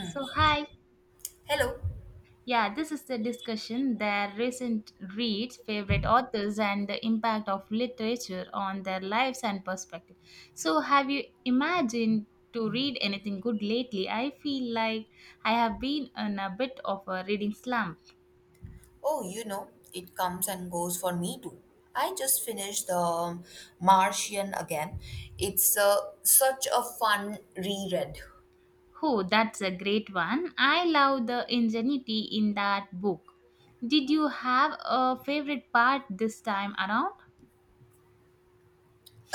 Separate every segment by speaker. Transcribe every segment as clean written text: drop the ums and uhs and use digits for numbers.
Speaker 1: So, hi.
Speaker 2: Hello.
Speaker 1: Yeah, this is the discussion their recent reads, favorite authors, and the impact of literature on their lives and perspective. So, have you imagined to read anything good lately? I feel like I have been in a bit of a reading slump.
Speaker 2: Oh, you know, it comes and goes for me too. I just finished The Martian again. It's such a fun reread.
Speaker 1: Oh, that's a great one. I love the ingenuity in that book. Did you have a favorite part this time around?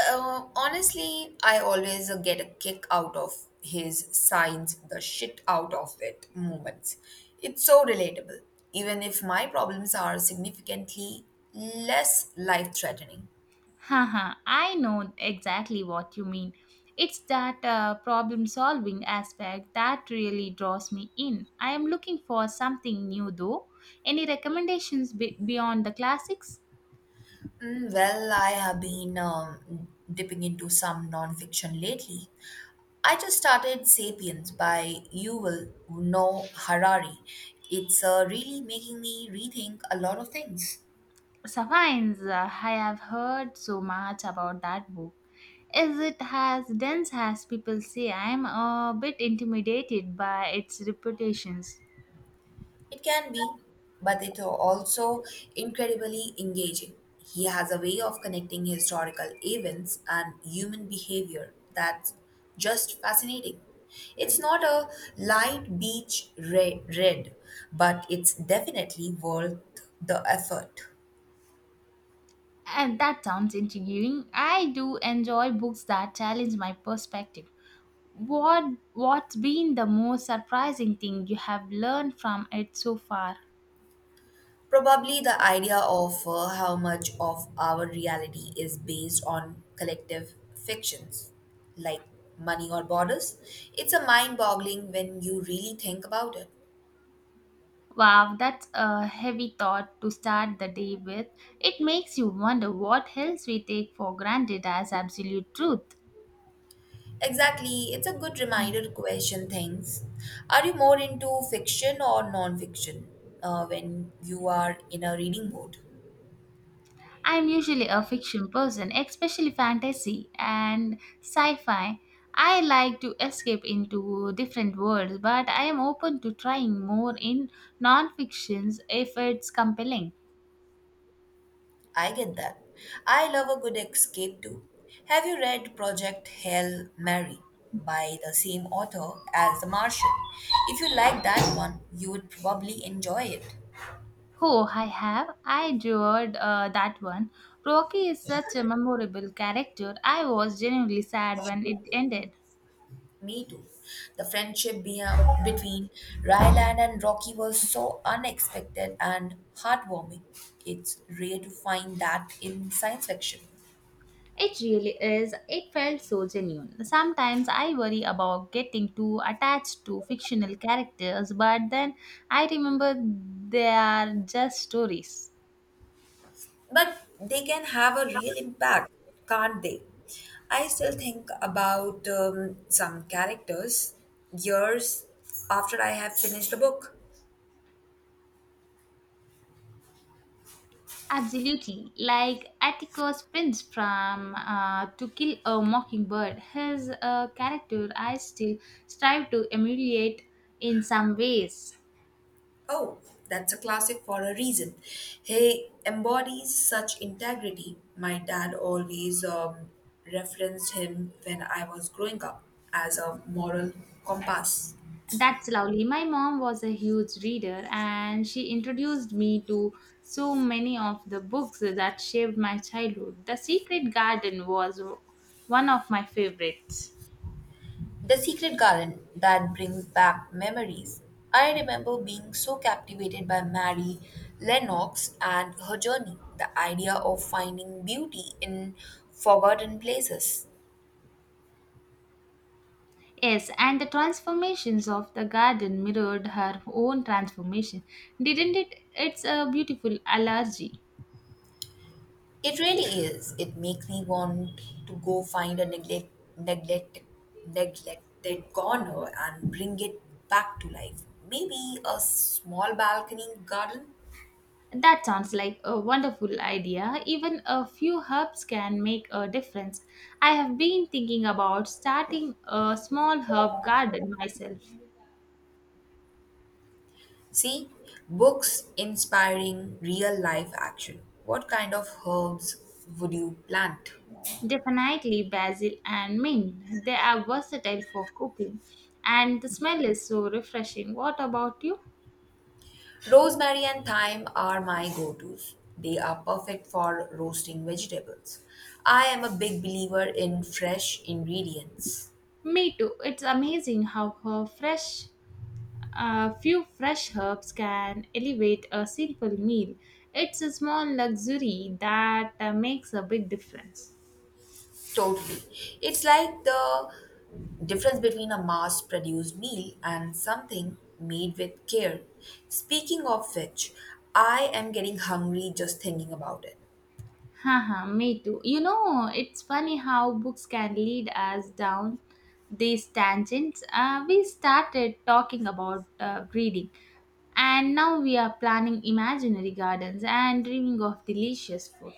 Speaker 2: Honestly, I always get a kick out of his signs the shit out of it moments. It's so relatable, even if my problems are significantly less life threatening.
Speaker 1: Haha, I know exactly what you mean. It's that problem solving aspect that really draws me in. I am looking for something new though. Any recommendations beyond the classics?
Speaker 2: Mm, well, I have been dipping into some nonfiction lately. I just started Sapiens by Yuval Noah Harari. It's really making me rethink a lot of things.
Speaker 1: Sapiens, I have heard so much about that book. Is it as dense as people say? I am a bit intimidated by its reputations.
Speaker 2: It can be, but it's also incredibly engaging. He has a way of connecting historical events and human behavior that's just fascinating. It's not a light beach read, but it's definitely worth the effort.
Speaker 1: And that sounds intriguing. I do enjoy books that challenge my perspective. What what's been the most surprising thing you have learned from it so far?
Speaker 2: Probably the idea of how much of our reality is based on collective fictions, like money or borders. It's a mind boggling when you really think about it.
Speaker 1: Wow, that's a heavy thought to start the day with. It makes you wonder what else we take for granted as absolute truth.
Speaker 2: Exactly, it's a good reminder to question things. Are you more into fiction or non fiction when you are in a reading mode?
Speaker 1: I'm usually a fiction person, especially fantasy and sci-fi. I like to escape into different worlds, but I am open to trying more in non-fictions if it's compelling.
Speaker 2: I get that. I love a good escape too. Have you read Project Hail Mary by the same author as The Martian? If you like that one, you would probably enjoy it.
Speaker 1: Oh, I have. I adored that one. Rocky is such a memorable character. I was genuinely sad when it ended.
Speaker 2: Me too. The friendship between Ryland and Rocky was so unexpected and heartwarming. It's rare to find that in science fiction.
Speaker 1: It really is. It felt so genuine. Sometimes I worry about getting too attached to fictional characters, but then I remember they are just stories.
Speaker 2: But they can have a real impact, can't they? I still think about some characters years after I have finished a book.
Speaker 1: Absolutely. Like Atticus Finch from To Kill a Mockingbird, his character I still strive to emulate in some ways.
Speaker 2: Oh, that's a classic for a reason. He embodies such integrity. My dad always referenced him when I was growing up as a moral compass.
Speaker 1: That's lovely. My mom was a huge reader and she introduced me to so many of the books that shaped my childhood. The Secret Garden was one of my favorites.
Speaker 2: The secret garden, that brings back memories. I remember being so captivated by Mary Lennox and her journey, the idea of finding beauty in forgotten places.
Speaker 1: Yes, and the transformations of the garden mirrored her own transformation, didn't it? It's a beautiful allergy.
Speaker 2: It really is. It makes me want to go find a neglect, neglected corner and bring it back to life. Maybe a small balcony garden.
Speaker 1: That sounds like a wonderful idea. Even a few herbs can make a difference. I have been thinking about starting a small herb garden myself.
Speaker 2: See, books inspiring real life action. What kind of herbs would you plant?
Speaker 1: Definitely basil and mint. They are versatile for cooking, and the smell is so refreshing. What about you?
Speaker 2: Rosemary and thyme are my go tos. They are perfect for roasting vegetables. I am a big believer in fresh ingredients.
Speaker 1: Me too. It's amazing how her fresh a few fresh herbs can elevate a simple meal. It's a small luxury that makes a big difference.
Speaker 2: Totally. It's like the difference between a mass produced meal and something made with care. Speaking of which, I am getting hungry just thinking about it.
Speaker 1: Haha, me too. You know, it's funny how books can lead us down these tangents. We started talking about reading, and now we are planning imaginary gardens and dreaming of delicious food.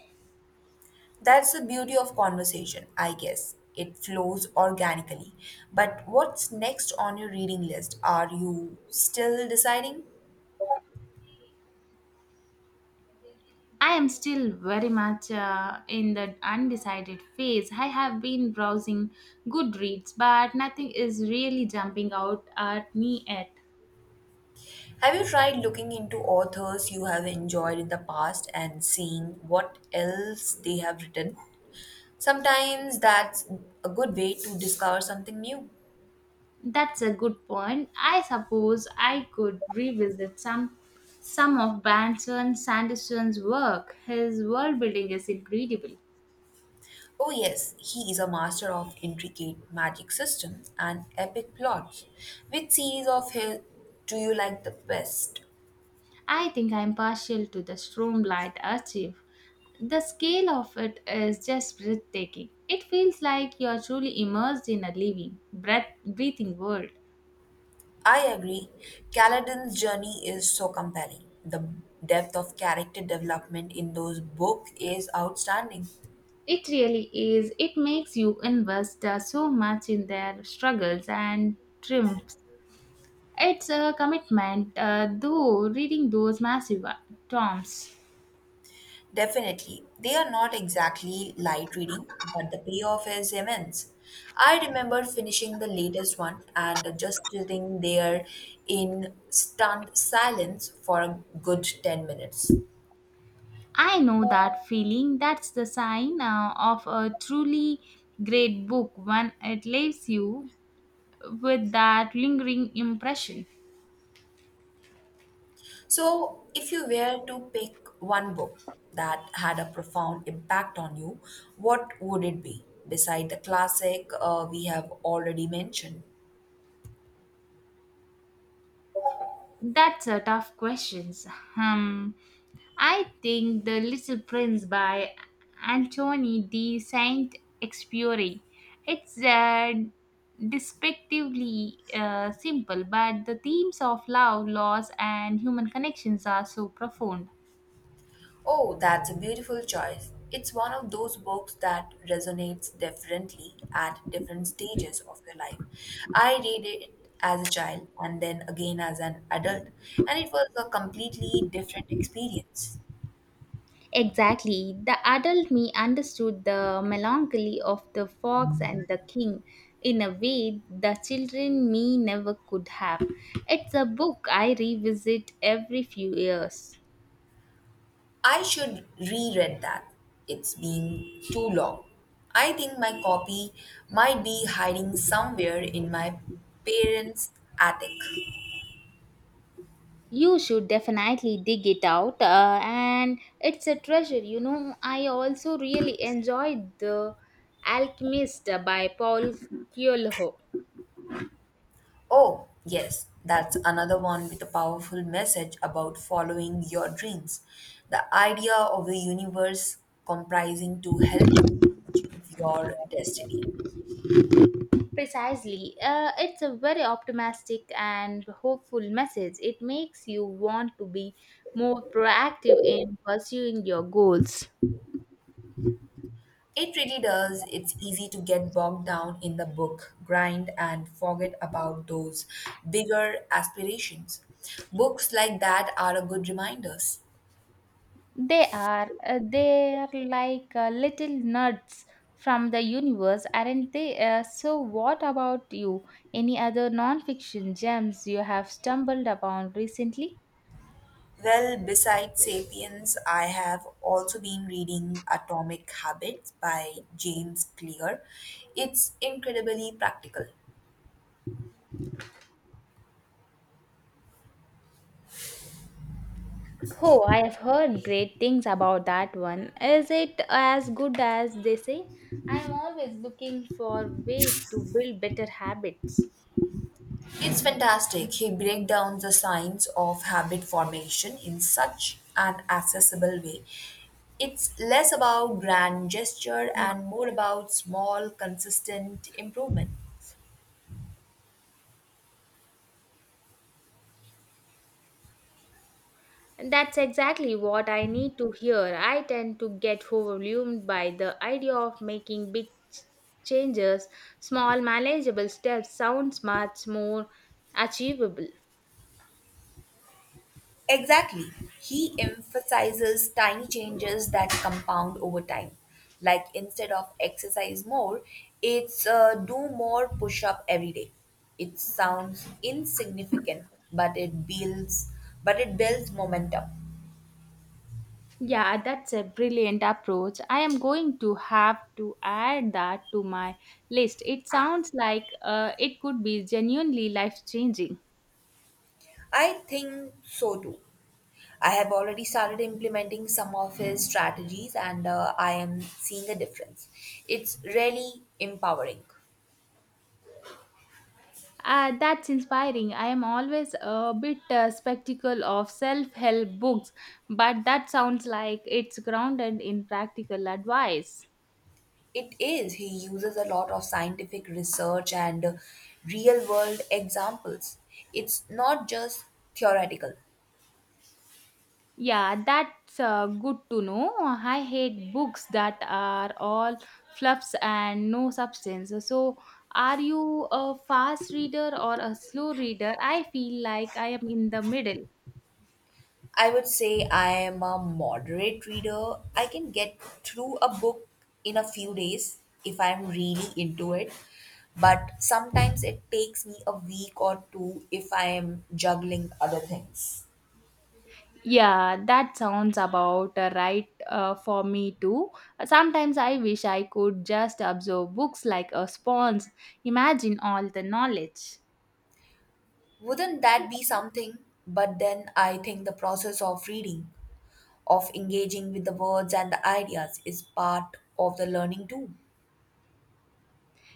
Speaker 2: That's the beauty of conversation, I guess. It flows organically. But what's next on your reading list? Are you still deciding?
Speaker 1: I am still very much in the undecided phase. I have been browsing Goodreads, but nothing is really jumping out at me yet.
Speaker 2: Have you tried looking into authors you have enjoyed in the past and seeing what else they have written? Sometimes that's a good way to discover something new.
Speaker 1: That's a good point. I suppose I could revisit some of Branson Sanderson's work. His world building is incredible.
Speaker 2: Oh, yes, he is a master of intricate magic system and epic plots. Which series of his do you like the best?
Speaker 1: I think I'm partial to the Stromlight Archive. The scale of it is just breathtaking. It feels like you're truly immersed in a living, breathing world.
Speaker 2: I agree. Kaladin's journey is so compelling. The depth of character development in those books is outstanding.
Speaker 1: It really is. It makes you invest so much in their struggles and triumphs. It's a commitment, though, reading those massive tomes.
Speaker 2: Definitely, they are not exactly light reading, but the payoff is immense. I remember finishing the latest one and just sitting there in stunned silence for a good 10 minutes.
Speaker 1: I know that feeling. That's the sign of a truly great book when it leaves you with that lingering impression.
Speaker 2: So, if you were to pick one book that had a profound impact on you, what would it be? Beside the classic we have already mentioned.
Speaker 1: That's a tough question. Um, I think The Little Prince by Antony de Saint Exupéry. It's despectively simple, but the themes of love, loss, and human connections are so profound.
Speaker 2: Oh, that's a beautiful choice. It's one of those books that resonates differently at different stages of your life. I read it as a child and then again as an adult, and it was a completely different experience.
Speaker 1: Exactly. The adult me understood the melancholy of the fox and the king in a way the children me never could have. It's a book I revisit every few years.
Speaker 2: I should reread that. It's been too long. I think my copy might be hiding somewhere in my parents' attic.
Speaker 1: You should definitely dig it out, and it's a treasure. You know, I also really enjoyed The Alchemist by Paul Coelho.
Speaker 2: Oh, yes, that's another one with a powerful message about following your dreams. The idea of the universe comprising to help achieve your destiny.
Speaker 1: Precisely. It's a very optimistic and hopeful message. It makes you want to be more proactive in pursuing your goals.
Speaker 2: It really does. It's easy to get bogged down in the book grind and forget about those bigger aspirations. Books like that are a good reminders.
Speaker 1: They are like little nuts from the universe, aren't they? So, what about you? Any other non-fiction gems you have stumbled upon recently?
Speaker 2: Well, besides Sapiens, I have also been reading Atomic Habits by James Clear. It's incredibly practical.
Speaker 1: Oh, I have heard great things about that one. Is it as good as they say? I am always looking for way to build better habits.
Speaker 2: It's fantastic. He breaks down the science of habit formation in such an accessible way. It's less about grand gesture and more about small, consistent improvement.
Speaker 1: That's exactly what I need to hear. I tend to get overwhelmed by the idea of making changes. Small manageable steps sound much more achievable.
Speaker 2: Exactly. He emphasizes tiny changes that compound over time. Like instead of exercise more, it's do more push up every day. It sounds insignificant, but it builds but it builds momentum.
Speaker 1: Yeah, that's a brilliant approach. I am going to have to add that to my list. It sounds like it could be genuinely life changing.
Speaker 2: I think so too. I have already started implementing some of his strategies and I am seeing a difference. It's really empowering.
Speaker 1: That's inspiring. I am always a bit skeptical of self help books, but that sounds like it's grounded in practical advice.
Speaker 2: It is. He uses a lot of scientific research and real world examples. It's not just theoretical.
Speaker 1: Yeah, that's good to know. I hate books that are all fluffs and no substance. So, are you a fast reader or a slow reader? I feel like I am in the middle.
Speaker 2: I would say I am a moderate reader. I can get through a book in a few days if I'm really into it. But sometimes it takes me a week or two if I am juggling other things.
Speaker 1: Yeah, that sounds about right for me too. Sometimes I wish I could just absorb books like a sponge. Imagine all the knowledge.
Speaker 2: Wouldn't that be something? But then I think the process of reading, of engaging with the words and the ideas, is part of the learning too.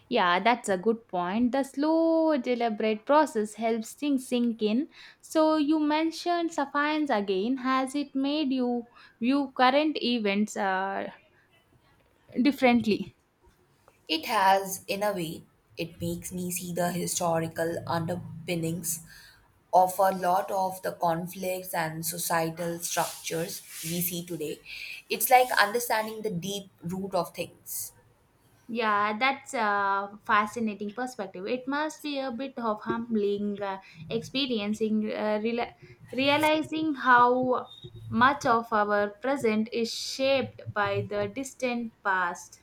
Speaker 1: Yeah, that's a good point. The slow, deliberate process helps things sink in. So, you mentioned suffiance again. Has it made you view current events differently?
Speaker 2: It has, in a way, it makes me see the historical underpinnings of a lot of the conflicts and societal structures we see today. It's like understanding the deep root of things.
Speaker 1: Yeah, that's a fascinating perspective. It must be a bit of humbling experiencing, uh, reali- realizing how much of our present is shaped by the distant past.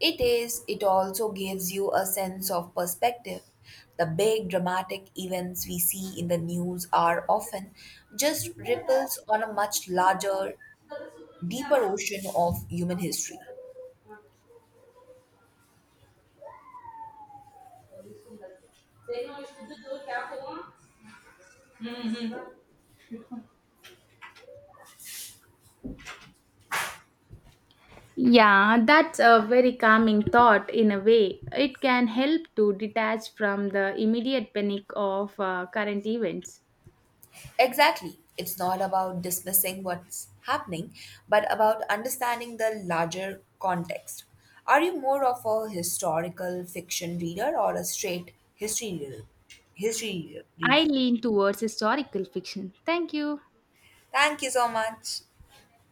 Speaker 2: It is, it also gives you a sense of perspective. The big dramatic events we see in the news are often just ripples on a much larger, deeper ocean of human history.
Speaker 1: Yeah, that's a very calming thought in a way. It can help to detach from the immediate panic of current events.
Speaker 2: Exactly. It's not about dismissing what's happening, but about understanding the larger context. Are you more of a historical fiction reader or a straight history reader? History
Speaker 1: I
Speaker 2: reader.
Speaker 1: lean towards historical fiction. Thank you.
Speaker 2: Thank you so much.